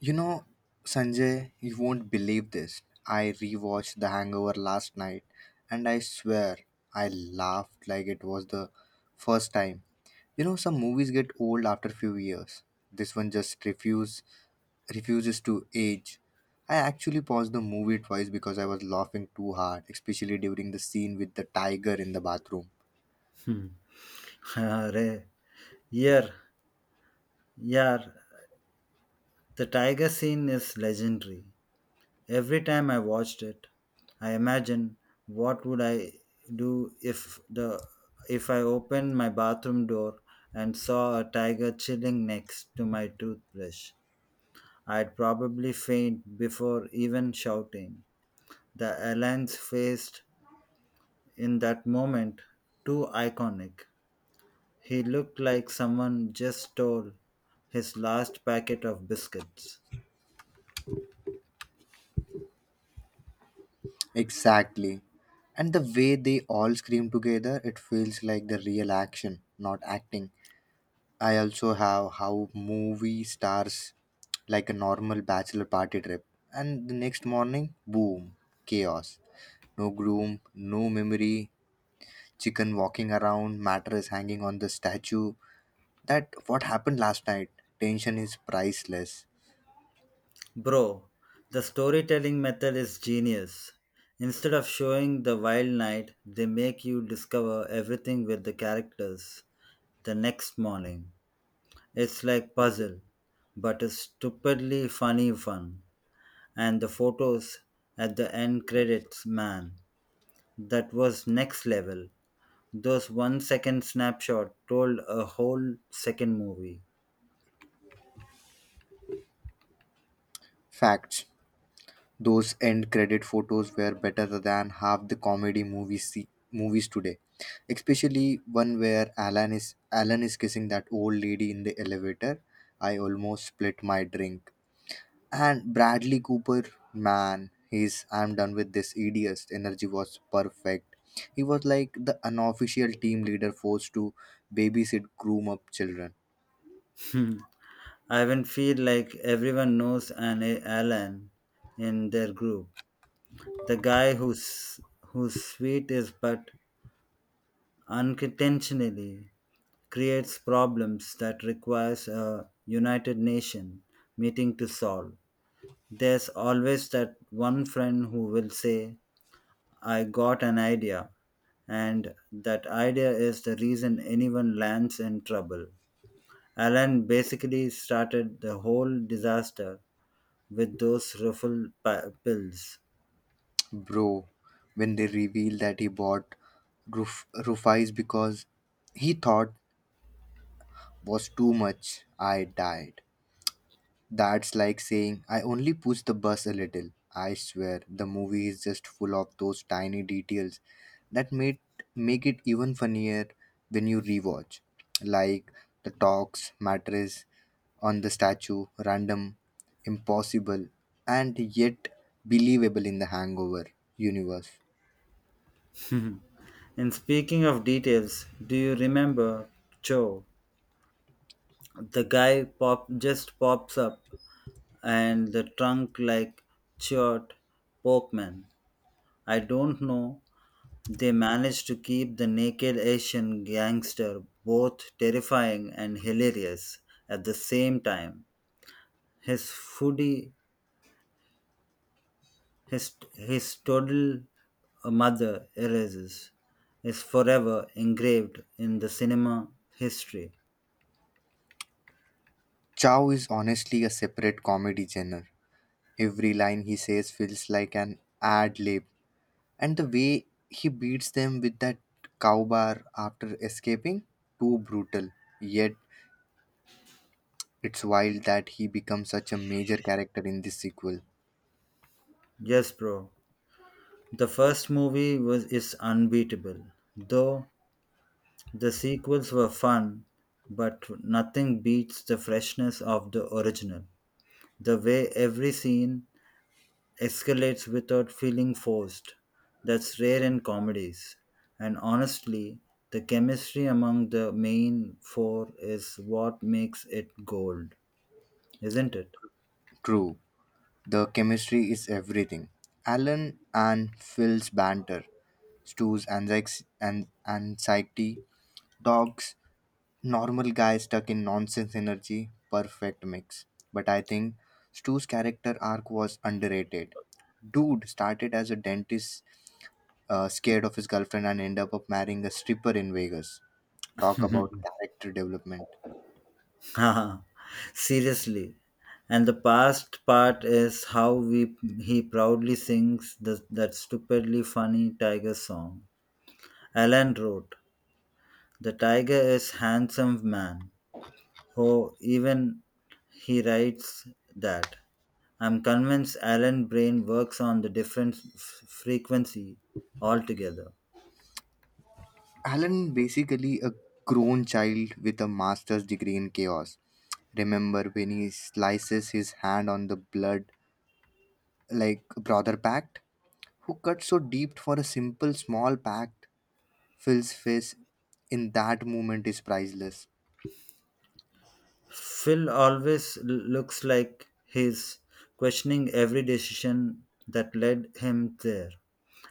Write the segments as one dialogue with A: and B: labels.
A: You know, Sanjay, you won't believe this. I rewatched The Hangover last night and I swear I laughed like it was the first time. You know, some movies get old after few years. This one just refuses to age. I actually paused the movie twice because I was laughing too hard, especially during the scene with the tiger in the bathroom.
B: Hmm. Arey. Yeah, yeah. The tiger scene is legendary. Every time I watched it, I imagine what would I do if I opened my bathroom door and saw a tiger chilling next to my toothbrush. I'd probably faint before even shouting. The alliance faced in that moment too iconic. He looked like someone just stole his last packet of biscuits.
A: Exactly. And the way they all scream together, it feels like the real action, not acting. I also have how movie stars like a normal bachelor party trip. And the next morning, boom, chaos. No groom, no memory, chicken walking around, mattress hanging on the statue. That what happened last night. Tension is priceless.
B: Bro, the storytelling method is genius. Instead of showing the wild night, they make you discover everything with the characters the next morning. It's like puzzle, but a stupidly funny fun. And the photos at the end credits, man, that was next level. Those 1 second snapshot told a whole second movie.
A: Facts. Those end credit photos were better than half the comedy movies today, especially one where Alan is kissing that old lady in the elevator. I almost split my drink. And Bradley Cooper, man, he's I'm done with this idiot's energy was perfect. He was like the unofficial team leader forced to babysit groom up children.
B: Hmm. I even feel like everyone knows an Alan in their group. The guy who's sweet is but unintentionally creates problems that requires a United Nation meeting to solve. There's always that one friend who will say, I got an idea and that idea is the reason anyone lands in trouble. Alan basically started the whole disaster with those ruffled pills.
A: Bro, when they reveal that he bought Rufais because he thought was too much. I died. That's like saying I only pushed the bus a little. I swear the movie is just full of those tiny details that made make it even funnier when you rewatch. Like the talks, mattress on the statue, random, impossible, and yet believable in the hangover universe.
B: And speaking of details, do you remember Joe? The guy pop just pops up and the trunk like short Porkman. I don't know. They managed to keep the naked Asian gangster both terrifying and hilarious at the same time. His foodie his total mother erases is forever engraved in the cinema history.
A: Chow is honestly a separate comedy genre. Every line he says feels like an ad lib. And the way he beats them with that crowbar after escaping, too brutal. Yet it's wild that he becomes such a major character in this sequel.
B: Yes, bro. The first movie was is unbeatable, though the sequels were fun, but nothing beats the freshness of the original. The way every scene escalates without feeling forced. That's rare in comedies. And honestly, the chemistry among the main four is what makes it gold, isn't it?
A: True, the chemistry is everything. Alan and Phil's banter, anxiety, Dog's normal guy stuck in nonsense energy, perfect mix. But I think Stu's character arc was underrated dude started as a dentist scared of his girlfriend and end up of marrying a stripper in Vegas. Talk about character development.
B: Haha, Seriously. And the past part is how we he proudly sings that stupidly funny tiger song. Alan wrote, "The tiger is handsome man. Oh, even he writes that." I'm convinced Alan Brain works on the different frequency altogether.
A: Alan basically a grown child with a master's degree in chaos. Remember when he slices his hand on the blood like brother pact? Who cut so deep for a simple small pact? Phil's face in that moment is priceless.
B: Phil always looks like he's questioning every decision that led him there,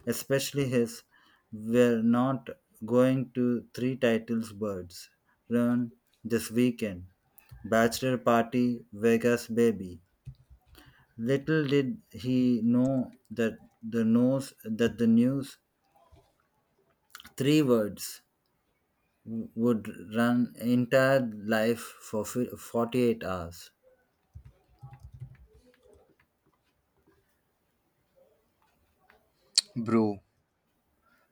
B: especially his we're not going to three titles birds run this weekend. Bachelor party, Vegas baby. Little did he know that the news three words would run entire life for 48 hours.
A: Bro,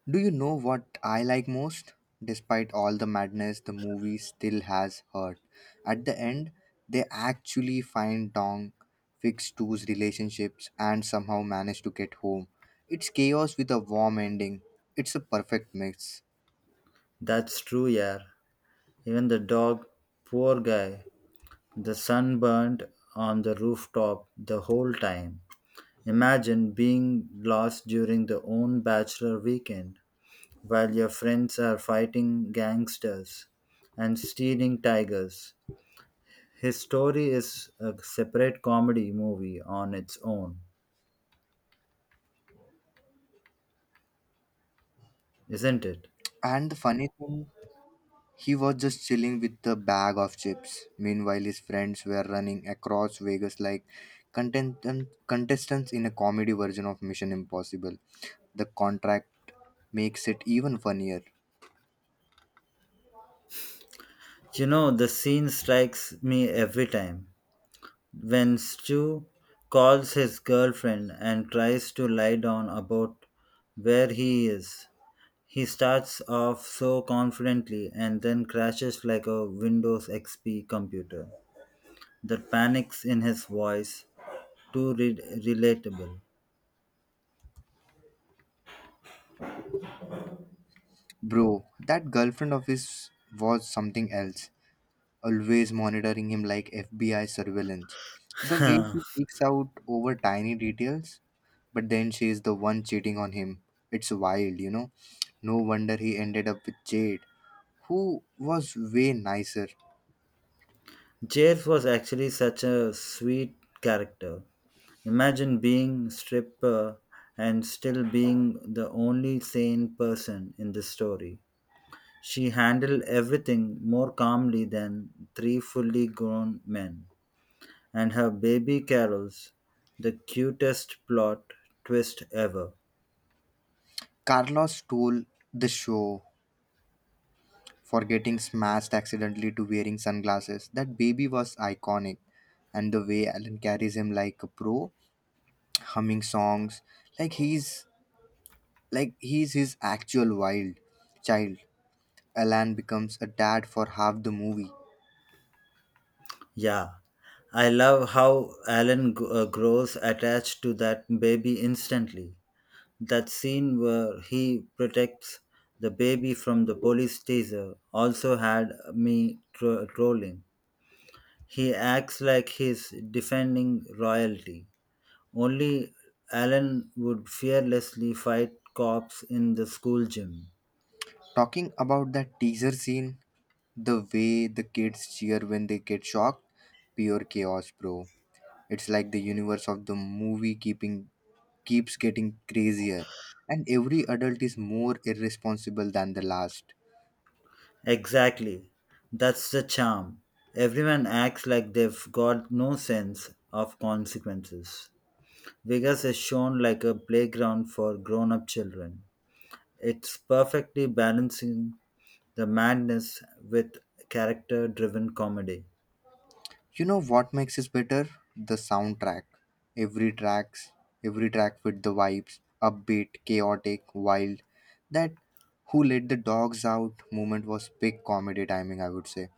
A: do you know what I like most? Despite all the madness, the movie still has hurt. At the end, they actually find Dong, fix Two's relationships, and somehow manage to get home. It's chaos with a warm ending. It's a perfect mix.
B: That's true, yeah. Even the dog, poor guy, the sun burned on the rooftop the whole time. Imagine being lost during the own bachelor weekend while your friends are fighting gangsters and stealing tigers. His story is a separate comedy movie on its own, isn't it?
A: And the funny thing he was just chilling with a bag of chips. Meanwhile, his friends were running across Vegas like contestants in a comedy version of Mission Impossible. The contract makes it even funnier.
B: You know, the scene strikes me every time. When Stu calls his girlfriend and tries to lie down about where he is, he starts off so confidently and then crashes like a Windows XP computer. The panics in his voice, too relatable.
A: Bro, that girlfriend of his was something else. Always monitoring him like FBI surveillance. The way he freaks out over tiny details, but then she is the one cheating on him. It's wild, you know. No wonder he ended up with Jade, who was way nicer.
B: James was actually such a sweet character. Imagine being a stripper and still being the only sane person in the story. She handled everything more calmly than three fully grown men, and her baby carols, the cutest plot twist ever.
A: Carlos stole the show for getting smashed accidentally to wearing sunglasses. That baby was iconic. And the way Alan carries him like a pro, humming songs, like he's like he's his actual wild child. Alan becomes a dad for half the movie.
B: Yeah, I love how Alan grows attached to that baby instantly. That scene where he protects the baby from the police taser also had me trolling. He acts like he's defending royalty. Only Alan would fearlessly fight cops in the school gym.
A: Talking about that teaser scene, the way the kids cheer when they get shocked, pure chaos, bro. It's like the universe of the movie keeping keeps getting crazier and every adult is more irresponsible than the last.
B: Exactly. That's the charm. Everyone acts like they've got no sense of consequences. Vegas is shown like a playground for grown up children. It's perfectly balancing the madness with character driven comedy.
A: You know what makes it better? The soundtrack. Every tracks, every track with the vibes, upbeat, chaotic, wild. That who let the dogs out moment was big comedy timing, I would say.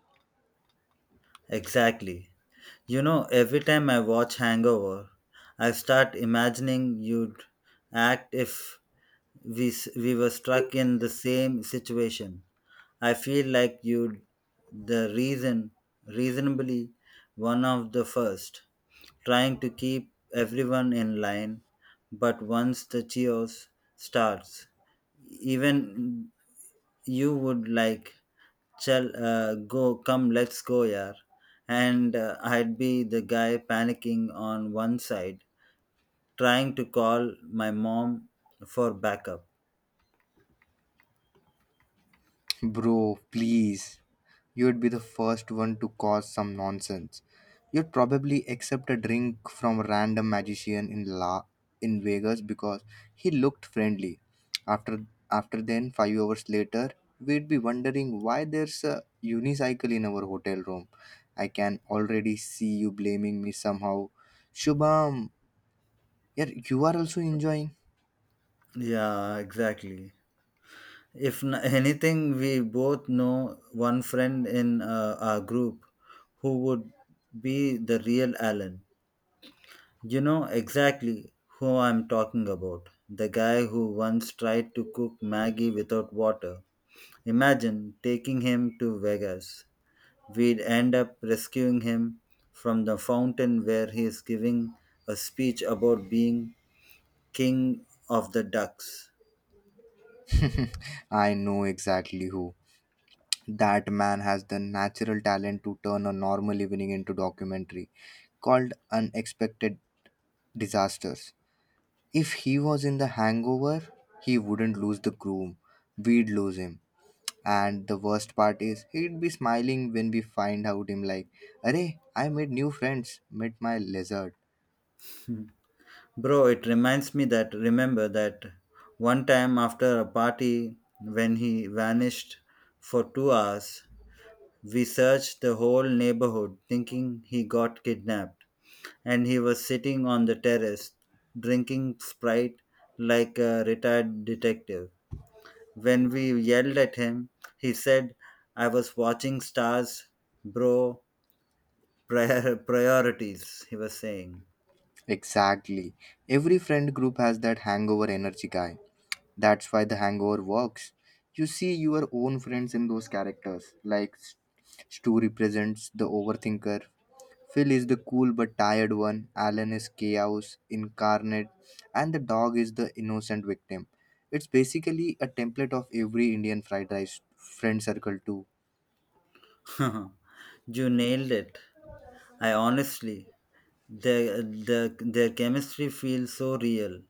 B: Exactly. You know, every time I watch Hangover, I start imagining you'd act if we were stuck in the same situation. I feel like you the reasonably one of the first trying to keep everyone in line but once the chaos starts even you would like Chal, go, come, let's go, yaar. And I'd be the guy panicking on one side, trying to call my mom for backup.
A: Bro, please. You'd be the first one to cause some nonsense. You'd probably accept a drink from a random magician in La in Vegas because he looked friendly. After After then, 5 hours later, we'd be wondering why there's a unicycle in our hotel room. I can already see you blaming me somehow. Shubham, yeah, you are also enjoying.
B: Yeah, exactly. If anything, we both know one friend in our group who would be the real Alan. You know exactly who I'm talking about. The guy who once tried to cook Maggie without water. Imagine taking him to Vegas. We'd end up rescuing him from the fountain where he is giving a speech about being king of the ducks.
A: I know exactly who. That man has the natural talent to turn a normal evening into documentary called unexpected disasters. If he was in the hangover he wouldn't lose the groom, we'd lose him. And the worst part is he'd be smiling when we find out him like, "Arey, I made new friends met my lizard."
B: Bro, it reminds me that remember that one time after a party when he vanished for 2 hours, we searched the whole neighborhood thinking he got kidnapped, and he was sitting on the terrace drinking Sprite like a retired detective. When we yelled at him, he said, I was watching stars, bro, priorities, he was saying.
A: Exactly. Every friend group has that hangover energy guy. That's why the hangover works. You see your own friends in those characters. Like Stu represents the overthinker, Phil is the cool but tired one, Alan is chaos incarnate, and the dog is the innocent victim. It's basically a template of every Indian fried rice friend circle, too.
B: You nailed it. I honestly, their chemistry feels so real.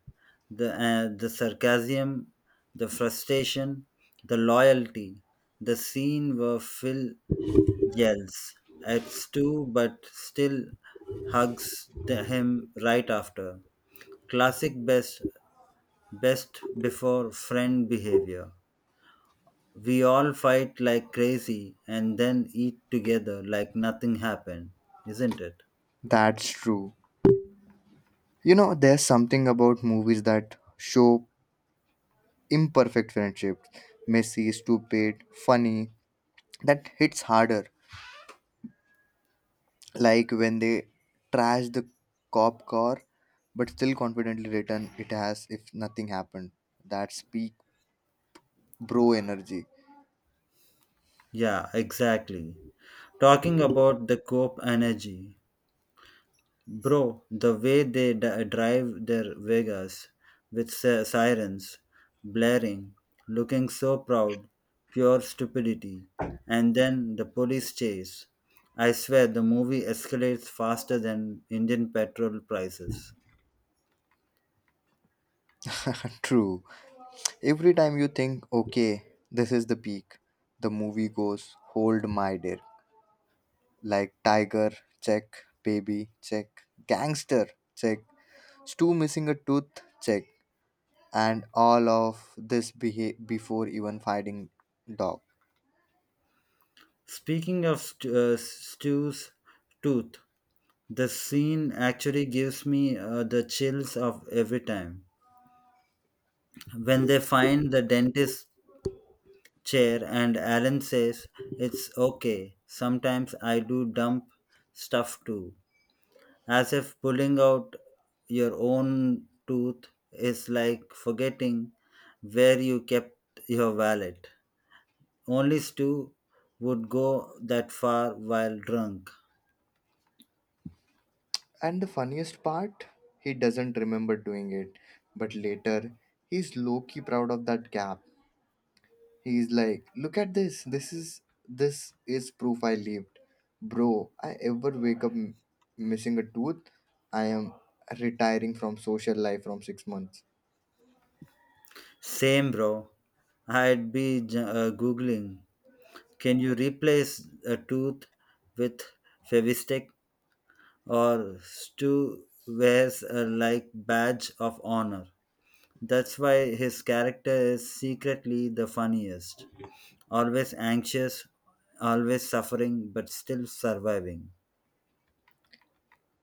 B: The sarcasm, the frustration, the loyalty, the scene where Phil yells at Stu but still hugs him right after. Classic best before friend behavior. We all fight like crazy and then eat together like nothing happened, isn't it?
A: That's true. You know, there's something about movies that show imperfect friendship messy stupid funny that hits harder, like when they trash the cop car but still confidently return it as if nothing happened. That's peak bro energy.
B: Yeah, exactly. Talking about the Cope energy, bro, the way they drive their Vegas with sirens blaring, looking so proud, pure stupidity, and then the police chase. I swear the movie escalates faster than Indian petrol prices.
A: True, every time you think okay this is the peak, the movie goes hold my dear, like tiger check, baby check, gangster check, stu missing a tooth check, and all of this before even fighting dog.
B: Speaking of Stu's tooth, the scene actually gives me the chills of every time. When they find the dentist chair and Alan says, It's okay, sometimes I do dump stuff too. As if pulling out your own tooth is like forgetting where you kept your wallet. Only Stu would go that far while drunk.
A: And the funniest part, he doesn't remember doing it, but later he's low key proud of that gap. He's like, "Look at this. This is proof I lived, bro. I ever wake up missing a tooth, I am retiring from social life from 6 months."
B: Same, bro. I'd be googling. Can you replace a tooth with Fevistick or Stu wears a like badge of honor? That's why his character is secretly the funniest. Always anxious, always suffering, but still surviving.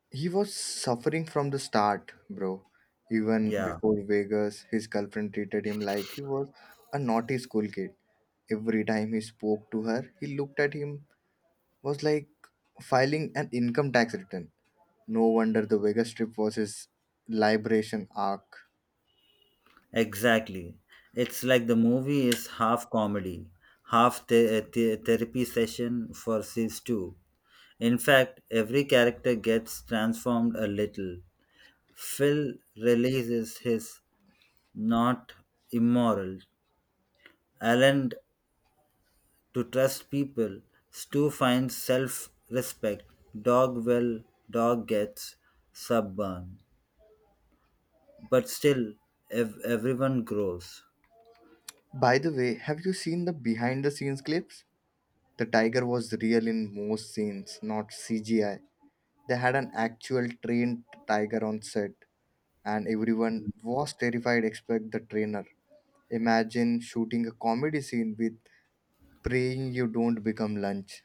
A: He was suffering from the start, bro. Even
B: Yeah,
A: before Vegas, his girlfriend treated him like he was a naughty school kid. Every time he spoke to her, he looked at him was like filing an income tax return. No wonder the Vegas trip was his liberation arc.
B: exactly. It's like the movie is half comedy, half the therapy session for season 2. In fact, every character gets transformed a little. Phil releases his not immoral. Alan to trust people. Stu finds self respect. Dog well, dog gets suburban. But still, everyone grows.
A: By the way, have you seen the behind the scenes clips? The tiger was real in most scenes, not CGI. They had an actual trained tiger on set. And everyone was terrified except the trainer. Imagine shooting a comedy scene with praying you don't become lunch.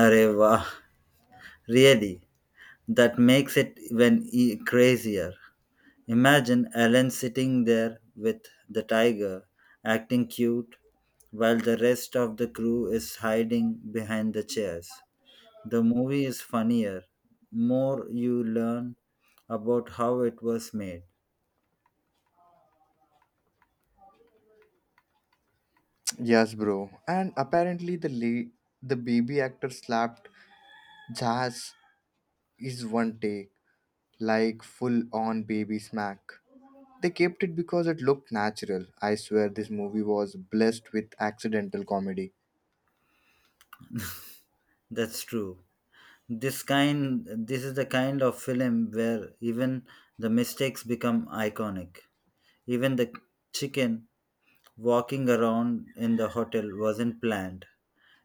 B: Arey, wow. Really, that makes it even crazier. Imagine Alan sitting there with the tiger, acting cute, while the rest of the crew is hiding behind the chairs. The movie is funnier, more you learn about how it was made.
A: Yes, bro. And apparently the baby actor slapped Jazz is one take, like full on baby smack. They kept it because it looked natural. I swear this movie was blessed with accidental comedy.
B: That's true. This is the kind of film where even the mistakes become iconic. Even the chicken walking around in the hotel wasn't planned.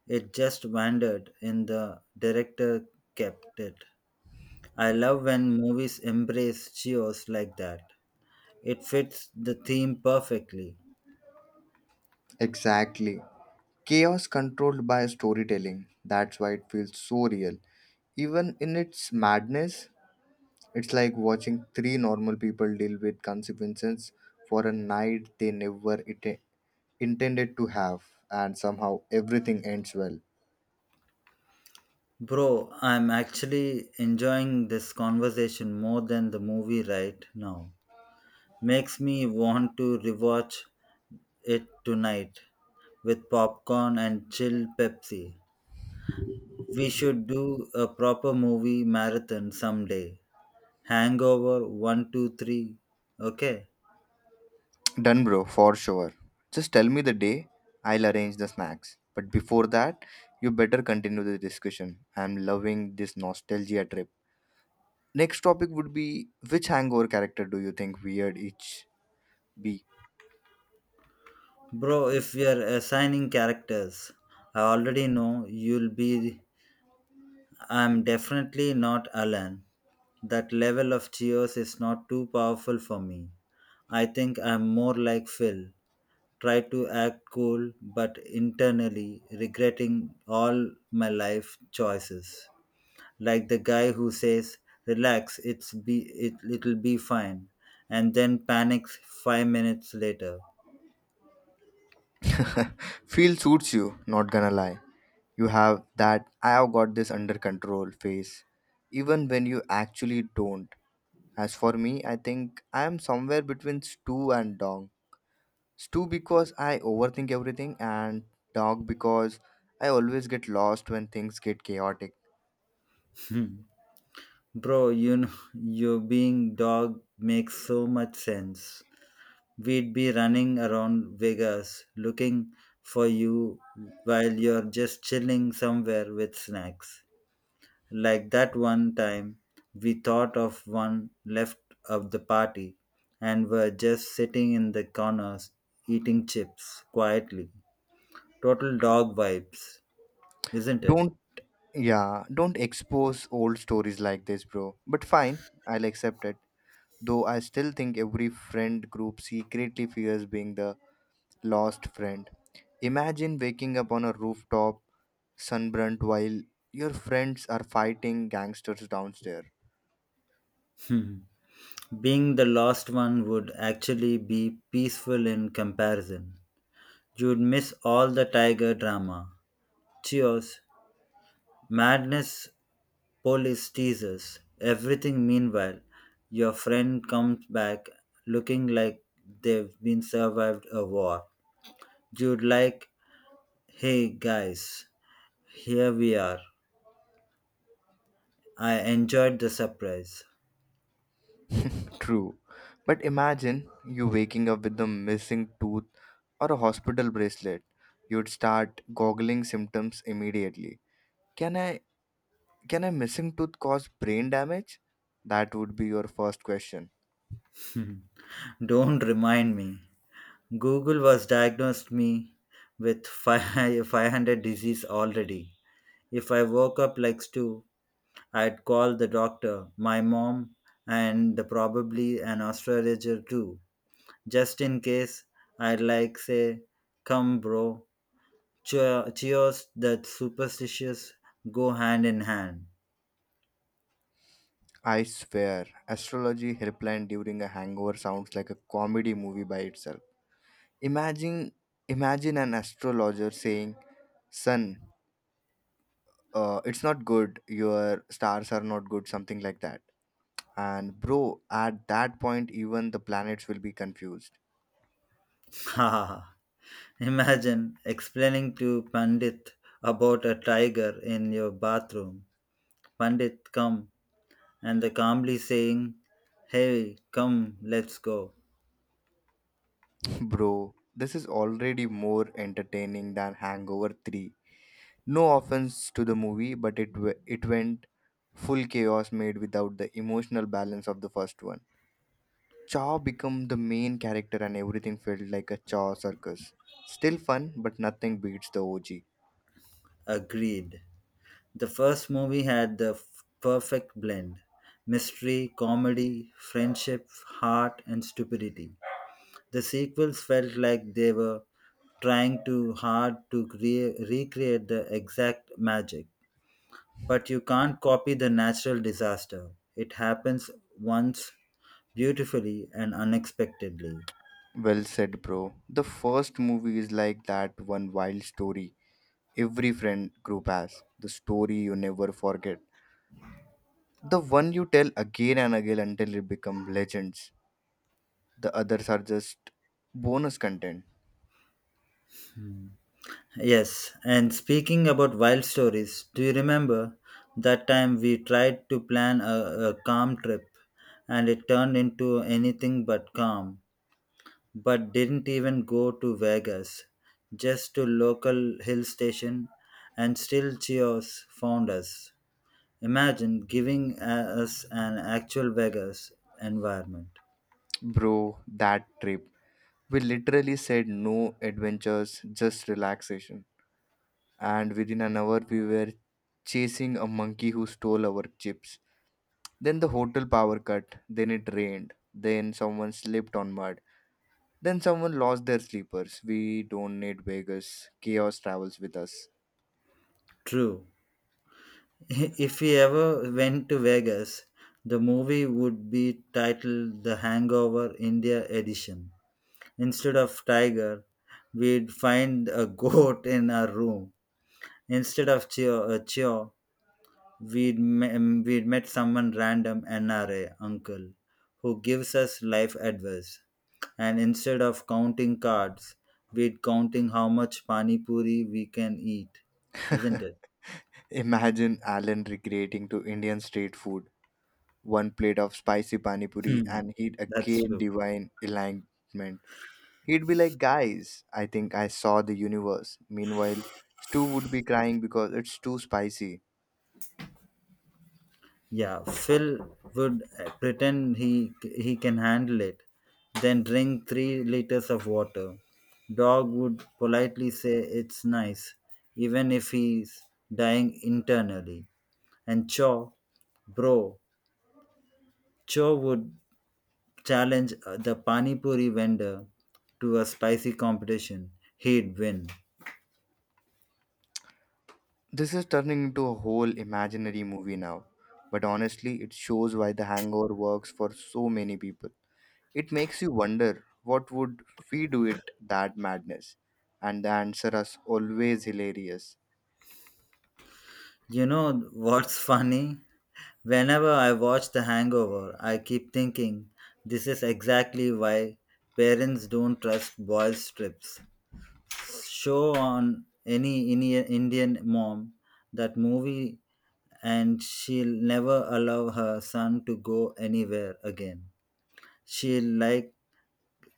B: It just wandered, and the director kept it. I love when movies embrace chaos like that. It fits the theme perfectly.
A: Exactly. Chaos controlled by storytelling. That's why it feels so real. Even in its madness, it's like watching three normal people deal with consequences for a night they never intended to have, and somehow everything ends well.
B: Bro, I'm actually enjoying this conversation more than the movie right now. Makes me want to rewatch it tonight with popcorn and chill Pepsi. We should do a proper movie marathon someday. Hangover one, 2, 3. Okay.
A: Done, bro, for sure. Just tell me the day, I'll arrange the snacks. But before that, you better continue the discussion. I'm loving this nostalgia trip. Next topic would be which hangover character do you think weird each be?
B: Bro, if we are assigning characters, I already know you'll be. I'm definitely not Alan. That level of chaos is not too powerful for me. I think I'm more like Phil. Try to act cool, but internally regretting all my life choices. Like the guy who says, "Relax, it'll be fine," and then panics 5 minutes later.
A: Feel suits you, not gonna lie. You have that I have got this under control face, even when you actually don't. As for me, I think I am somewhere between Stu and Dong. Stu because I overthink everything, and Dong because I always get lost when things get chaotic.
B: Bro, you know, you being dog makes so much sense. We'd be running around Vegas looking for you while you're just chilling somewhere with snacks. Like that one time, we thought of one left of the party and were just sitting in the corners eating chips quietly. Total dog vibes, isn't it?
A: Don't yeah, don't expose old stories like this, bro. But fine, I'll accept it. Though I still think every friend group secretly fears being the lost friend. Imagine waking up on a rooftop, sunburnt, while your friends are fighting gangsters downstairs.
B: Being the last one would actually be peaceful in comparison. You'd miss all the tiger drama, cheers, madness, police teasers, everything. Meanwhile, your friend comes back looking like they've been survived a war. You'd like, hey guys, here we are. I enjoyed the surprise.
A: True. But imagine you waking up with a missing tooth or a hospital bracelet. You'd start googling symptoms immediately. Can I can a missing tooth cause brain damage? That would be your first question.
B: Don't remind me. Google was diagnosed me with 500 disease already. If I woke up like Stu, I'd call the doctor, my mom, and probably an astrologer too. Just in case, I'd like say, come bro, cheers that superstitious go hand in hand.
A: I swear, astrology helpline during a hangover sounds like a comedy movie by itself. Imagine, Imagine an astrologer saying, "Son, it's not good. Your stars are not good," something like that. And bro, at that point, even the planets will be confused.
B: Haha. Imagine explaining to Pandit about a tiger in your bathroom. Pandit, come, and the calmly saying, Hey, come, let's go.
A: Bro, this is already more entertaining than Hangover Three. No offense to the movie, but it went full chaos made without the emotional balance of the first one. Chaw became the main character and everything felt like a Chaw circus. Still fun, but nothing beats the OG.
B: Agreed. The first movie had the perfect blend mystery, comedy, friendship, heart, and stupidity. The sequels felt like they were trying too hard to recreate the exact magic. But you can't copy the natural disaster. It happens once, beautifully and unexpectedly.
A: Well said, bro. The first movie is like that one wild story every friend group has. The story you never forget. The one you tell again and again until it become legends. The others are just bonus content.
B: Yes, and speaking about wild stories, do you remember that time we tried to plan a calm trip and it turned into anything but calm, but didn't even go to Vegas, just to local hill station and still Cheers found us. Imagine giving us an actual Vegas environment.
A: Bro, that trip. We literally said no adventures, just relaxation. And within an hour we were chasing a monkey who stole our chips. Then the hotel power cut, then it rained, then someone slipped on mud, then someone lost their sleepers. We don't need Vegas. Chaos travels with us.
B: True. If we ever went to Vegas, the movie would be titled The Hangover India Edition. Instead of tiger, we'd find a goat in our room. Instead of cheer, a cheer we'd met someone random NRA uncle who gives us life advice. And instead of counting cards, we'd counting how much pani puri we can eat. Isn't it?
A: Imagine Alan recreating to Indian street food. One plate of spicy pani puri
B: Hmm.
A: and he'd
B: That's
A: again
B: true.
A: divine enlightenment. He'd be like, guys, I think I saw the universe. Meanwhile, Stu would be crying because it's too spicy.
B: Yeah, Phil would pretend he can handle it, then drink 3 liters of water. Dog would politely say it's nice, even if he's dying internally. And Cho, bro, Cho would challenge the pani puri vendor to a spicy competition. He'd win.
A: This is turning into a whole imaginary movie now, but honestly, it shows why The Hangover works for so many people. It makes you wonder what would we do it that madness, and the answer is always hilarious.
B: You know what's funny? Whenever I watch The Hangover, I keep thinking this is exactly why parents don't trust boys' trips. Show on any Indian mom that movie, and she'll never allow her son to go anywhere again. She'll like,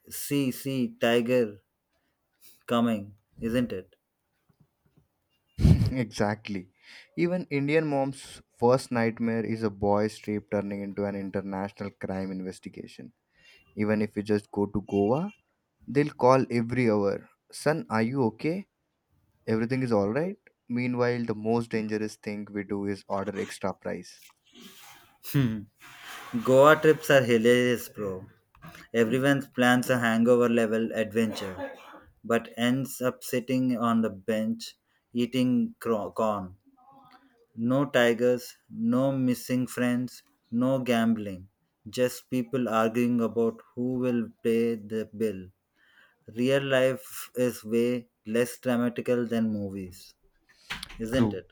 B: see, see, tiger coming, isn't it?
A: Exactly. Even Indian mom's first nightmare is a boy's rape turning into an international crime investigation. Even if you just go to Goa, they'll call every hour. Son, are you okay? Everything is alright. Meanwhile, the most dangerous thing we do is order extra price.
B: Goa trips are hilarious, bro. Everyone plans a hangover level adventure, but ends up sitting on the bench eating corn. No tigers, no missing friends, no gambling. Just people arguing about who will pay the bill. Real life is way less dramatical than movies, isn't
A: True,
B: it?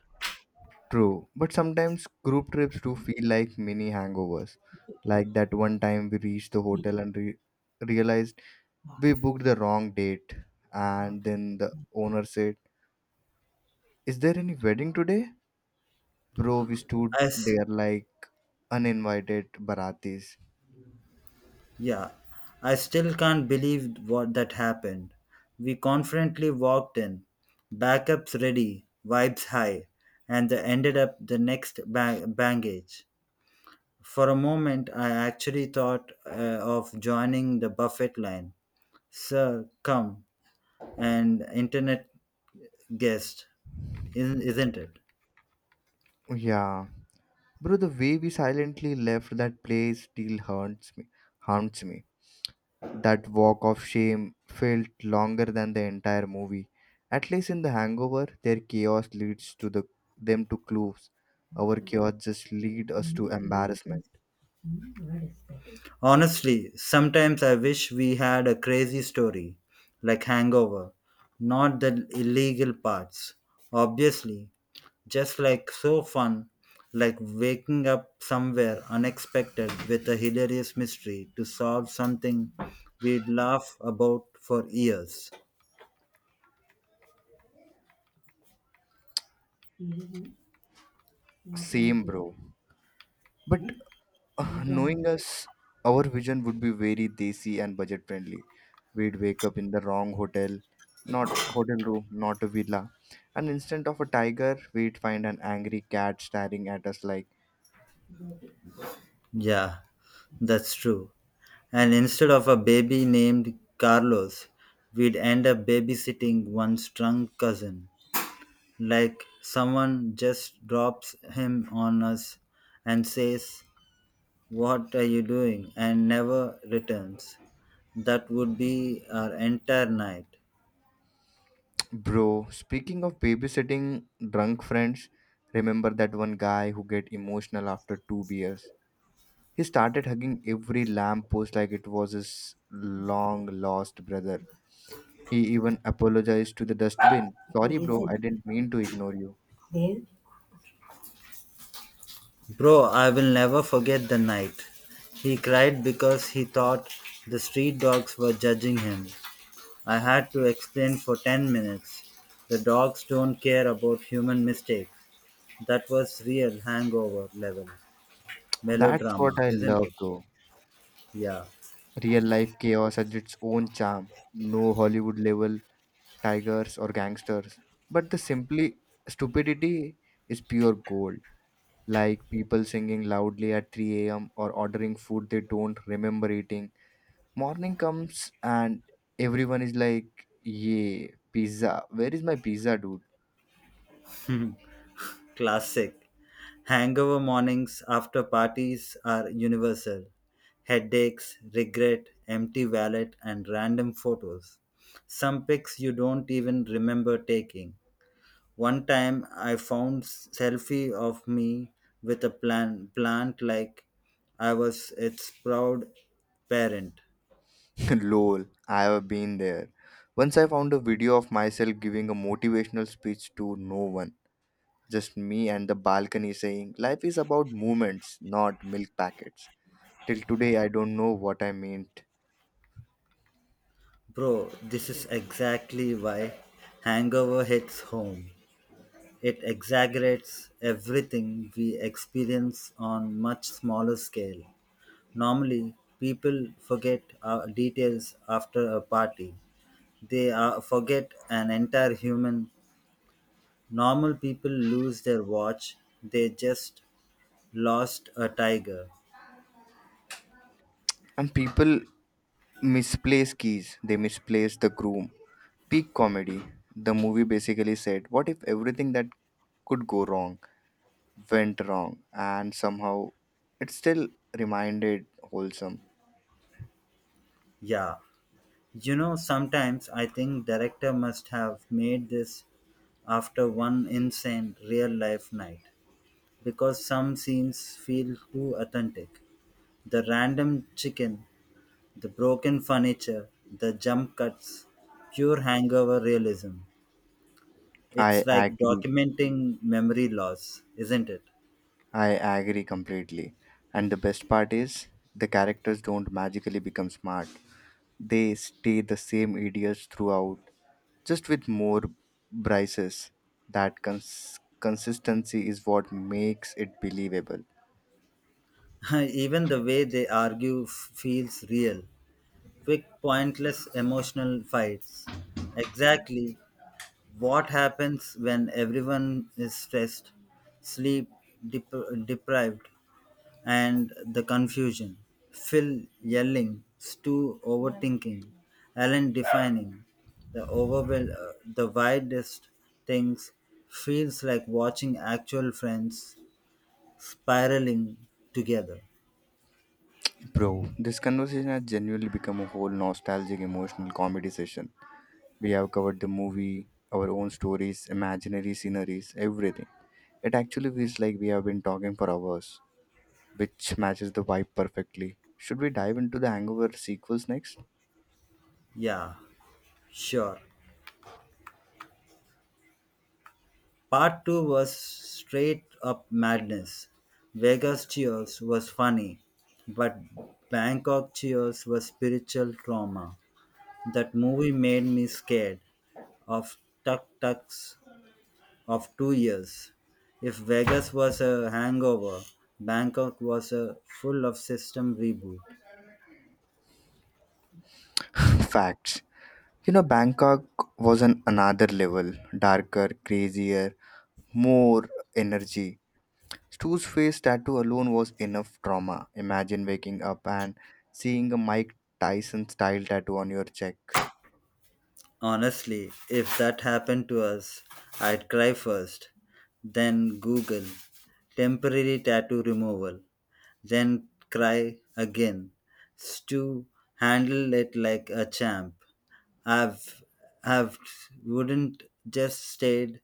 A: True. But sometimes group trips do feel like mini hangovers. Like that one time we reached the hotel and realized we booked the wrong date. And then the owner said, is there any wedding today? Bro, we
B: I,
A: stood
B: s-
A: there like uninvited baratis.
B: Yeah, I still can't believe what that happened. We confidently walked in, backups ready, vibes high, and they ended up the next baggage. For a moment, I actually thought of joining the buffet line. Sir, come, and internet guest, isn't it?
A: Yeah. Bro, the way we silently left that place still haunts me. Haunts me That walk of shame felt longer than the entire movie. At least in The Hangover, their chaos leads to the them to clues. Our chaos just lead us to embarrassment.
B: Honestly, sometimes I wish we had a crazy story, like Hangover, not the illegal parts. Obviously, just like so fun, like waking up somewhere unexpected with a hilarious mystery to solve something we'd laugh about for years.
A: Same, bro. But knowing us, our vision would be very desi and budget friendly. We'd wake up in the wrong hotel, not hotel room, not a villa, and instead of a tiger, we'd find an angry cat staring at us like.
B: Yeah, that's true. And instead of a baby named Carlos, we'd end up babysitting one's drunk cousin. Like someone just drops him on us and says, "What are you doing?" and never returns. That would be our entire night.
A: Bro, speaking of babysitting drunk friends, remember that one guy who get emotional after two beers? He started hugging every lamppost like it was his long lost brother. He even apologized to the dustbin. Sorry, bro, I didn't mean to ignore you.
B: Bro, I will never forget the night. He cried because he thought the street dogs were judging him. I had to explain for 10 minutes. The dogs don't care about human mistakes. That was real hangover level
A: That's
B: melodrama,
A: what I
B: isn't
A: love,
B: it?
A: though.
B: Yeah,
A: Real life chaos has its own charm. No Hollywood level tigers or gangsters, but the simply stupidity is pure gold. Like people singing loudly at 3 a.m. or ordering food they don't remember eating. Morning comes and everyone is like, yeah, pizza. Where is my pizza, dude?
B: classic. Hangover mornings after parties are universal. Headaches, regret, empty wallet, and random photos. Some pics you don't even remember taking. One time I found selfie of me with a plant, like I was its proud parent.
A: Lol, I have been there. Once I found a video of myself giving a motivational speech to no one, just me and the balcony saying, life is about moments, not milk packets. Till today, I don't know what I meant.
B: Bro, this is exactly why hangover hits home. It exaggerates everything we experience on much smaller scale. Normally, people forget details after a party. They forget an entire human. Normal people lose their watch, they just lost a tiger.
A: And people misplace keys. They misplace the groom. Peak comedy. The movie basically said, "What if everything that could go wrong went wrong?" And somehow, it still reminded wholesome.
B: Yeah. You know, sometimes I think director must have made this after one insane real life night because some scenes feel too authentic. The random chicken, the broken furniture, the jump cuts, pure hangover realism.
A: I
B: It's like
A: agree.
B: documenting memory loss, isn't it?
A: I agree completely. And the best part is the characters don't magically become smart. They stay the same idiots throughout, just with more braces. That consistency is what makes it believable.
B: Even the way they argue feels real. Quick, pointless emotional fights. Exactly what happens when everyone is stressed, sleep dep- deprived, and the confusion. Phil yelling, Stu overthinking, Alan defining. The the widest things feels like watching actual friends spiraling together.
A: Bro, this conversation has genuinely become a whole nostalgic emotional comedy session. We have covered the movie, our own stories, imaginary sceneries, everything. It actually feels like we have been talking for hours, which matches the vibe perfectly. Should we dive into the Hangover sequels next?
B: Yeah. Sure. Part 2 was straight up madness. Vegas Cheers was funny, but Bangkok Cheers was spiritual trauma. That movie made me scared of tuk tuks of 2 years. If Vegas was a hangover, Bangkok was a full of system reboot.
A: Facts. You know, Bangkok was on another level darker, crazier, more energy. Stu's face tattoo alone was enough trauma. Imagine waking up and seeing a Mike Tyson style tattoo on your cheek.
B: Honestly, if that happened to us, I'd cry first, then Google temporary tattoo removal. Then cry again. Stu handled it like a champ. I've, I've wouldn't just stayed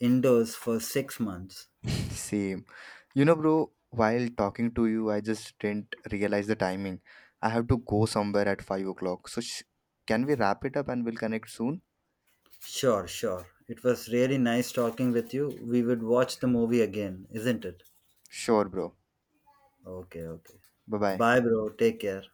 B: indoors for 6 months.
A: Same. You know, bro, while talking to you, I just didn't realize the timing. I have to go somewhere at 5 o'clock. So, can we wrap it up and we'll connect soon?
B: Sure, sure. It was really nice talking with you. We would watch the movie again, isn't it?
A: Sure, bro.
B: Okay, okay.
A: Bye bye.
B: Bye, bro. Take care.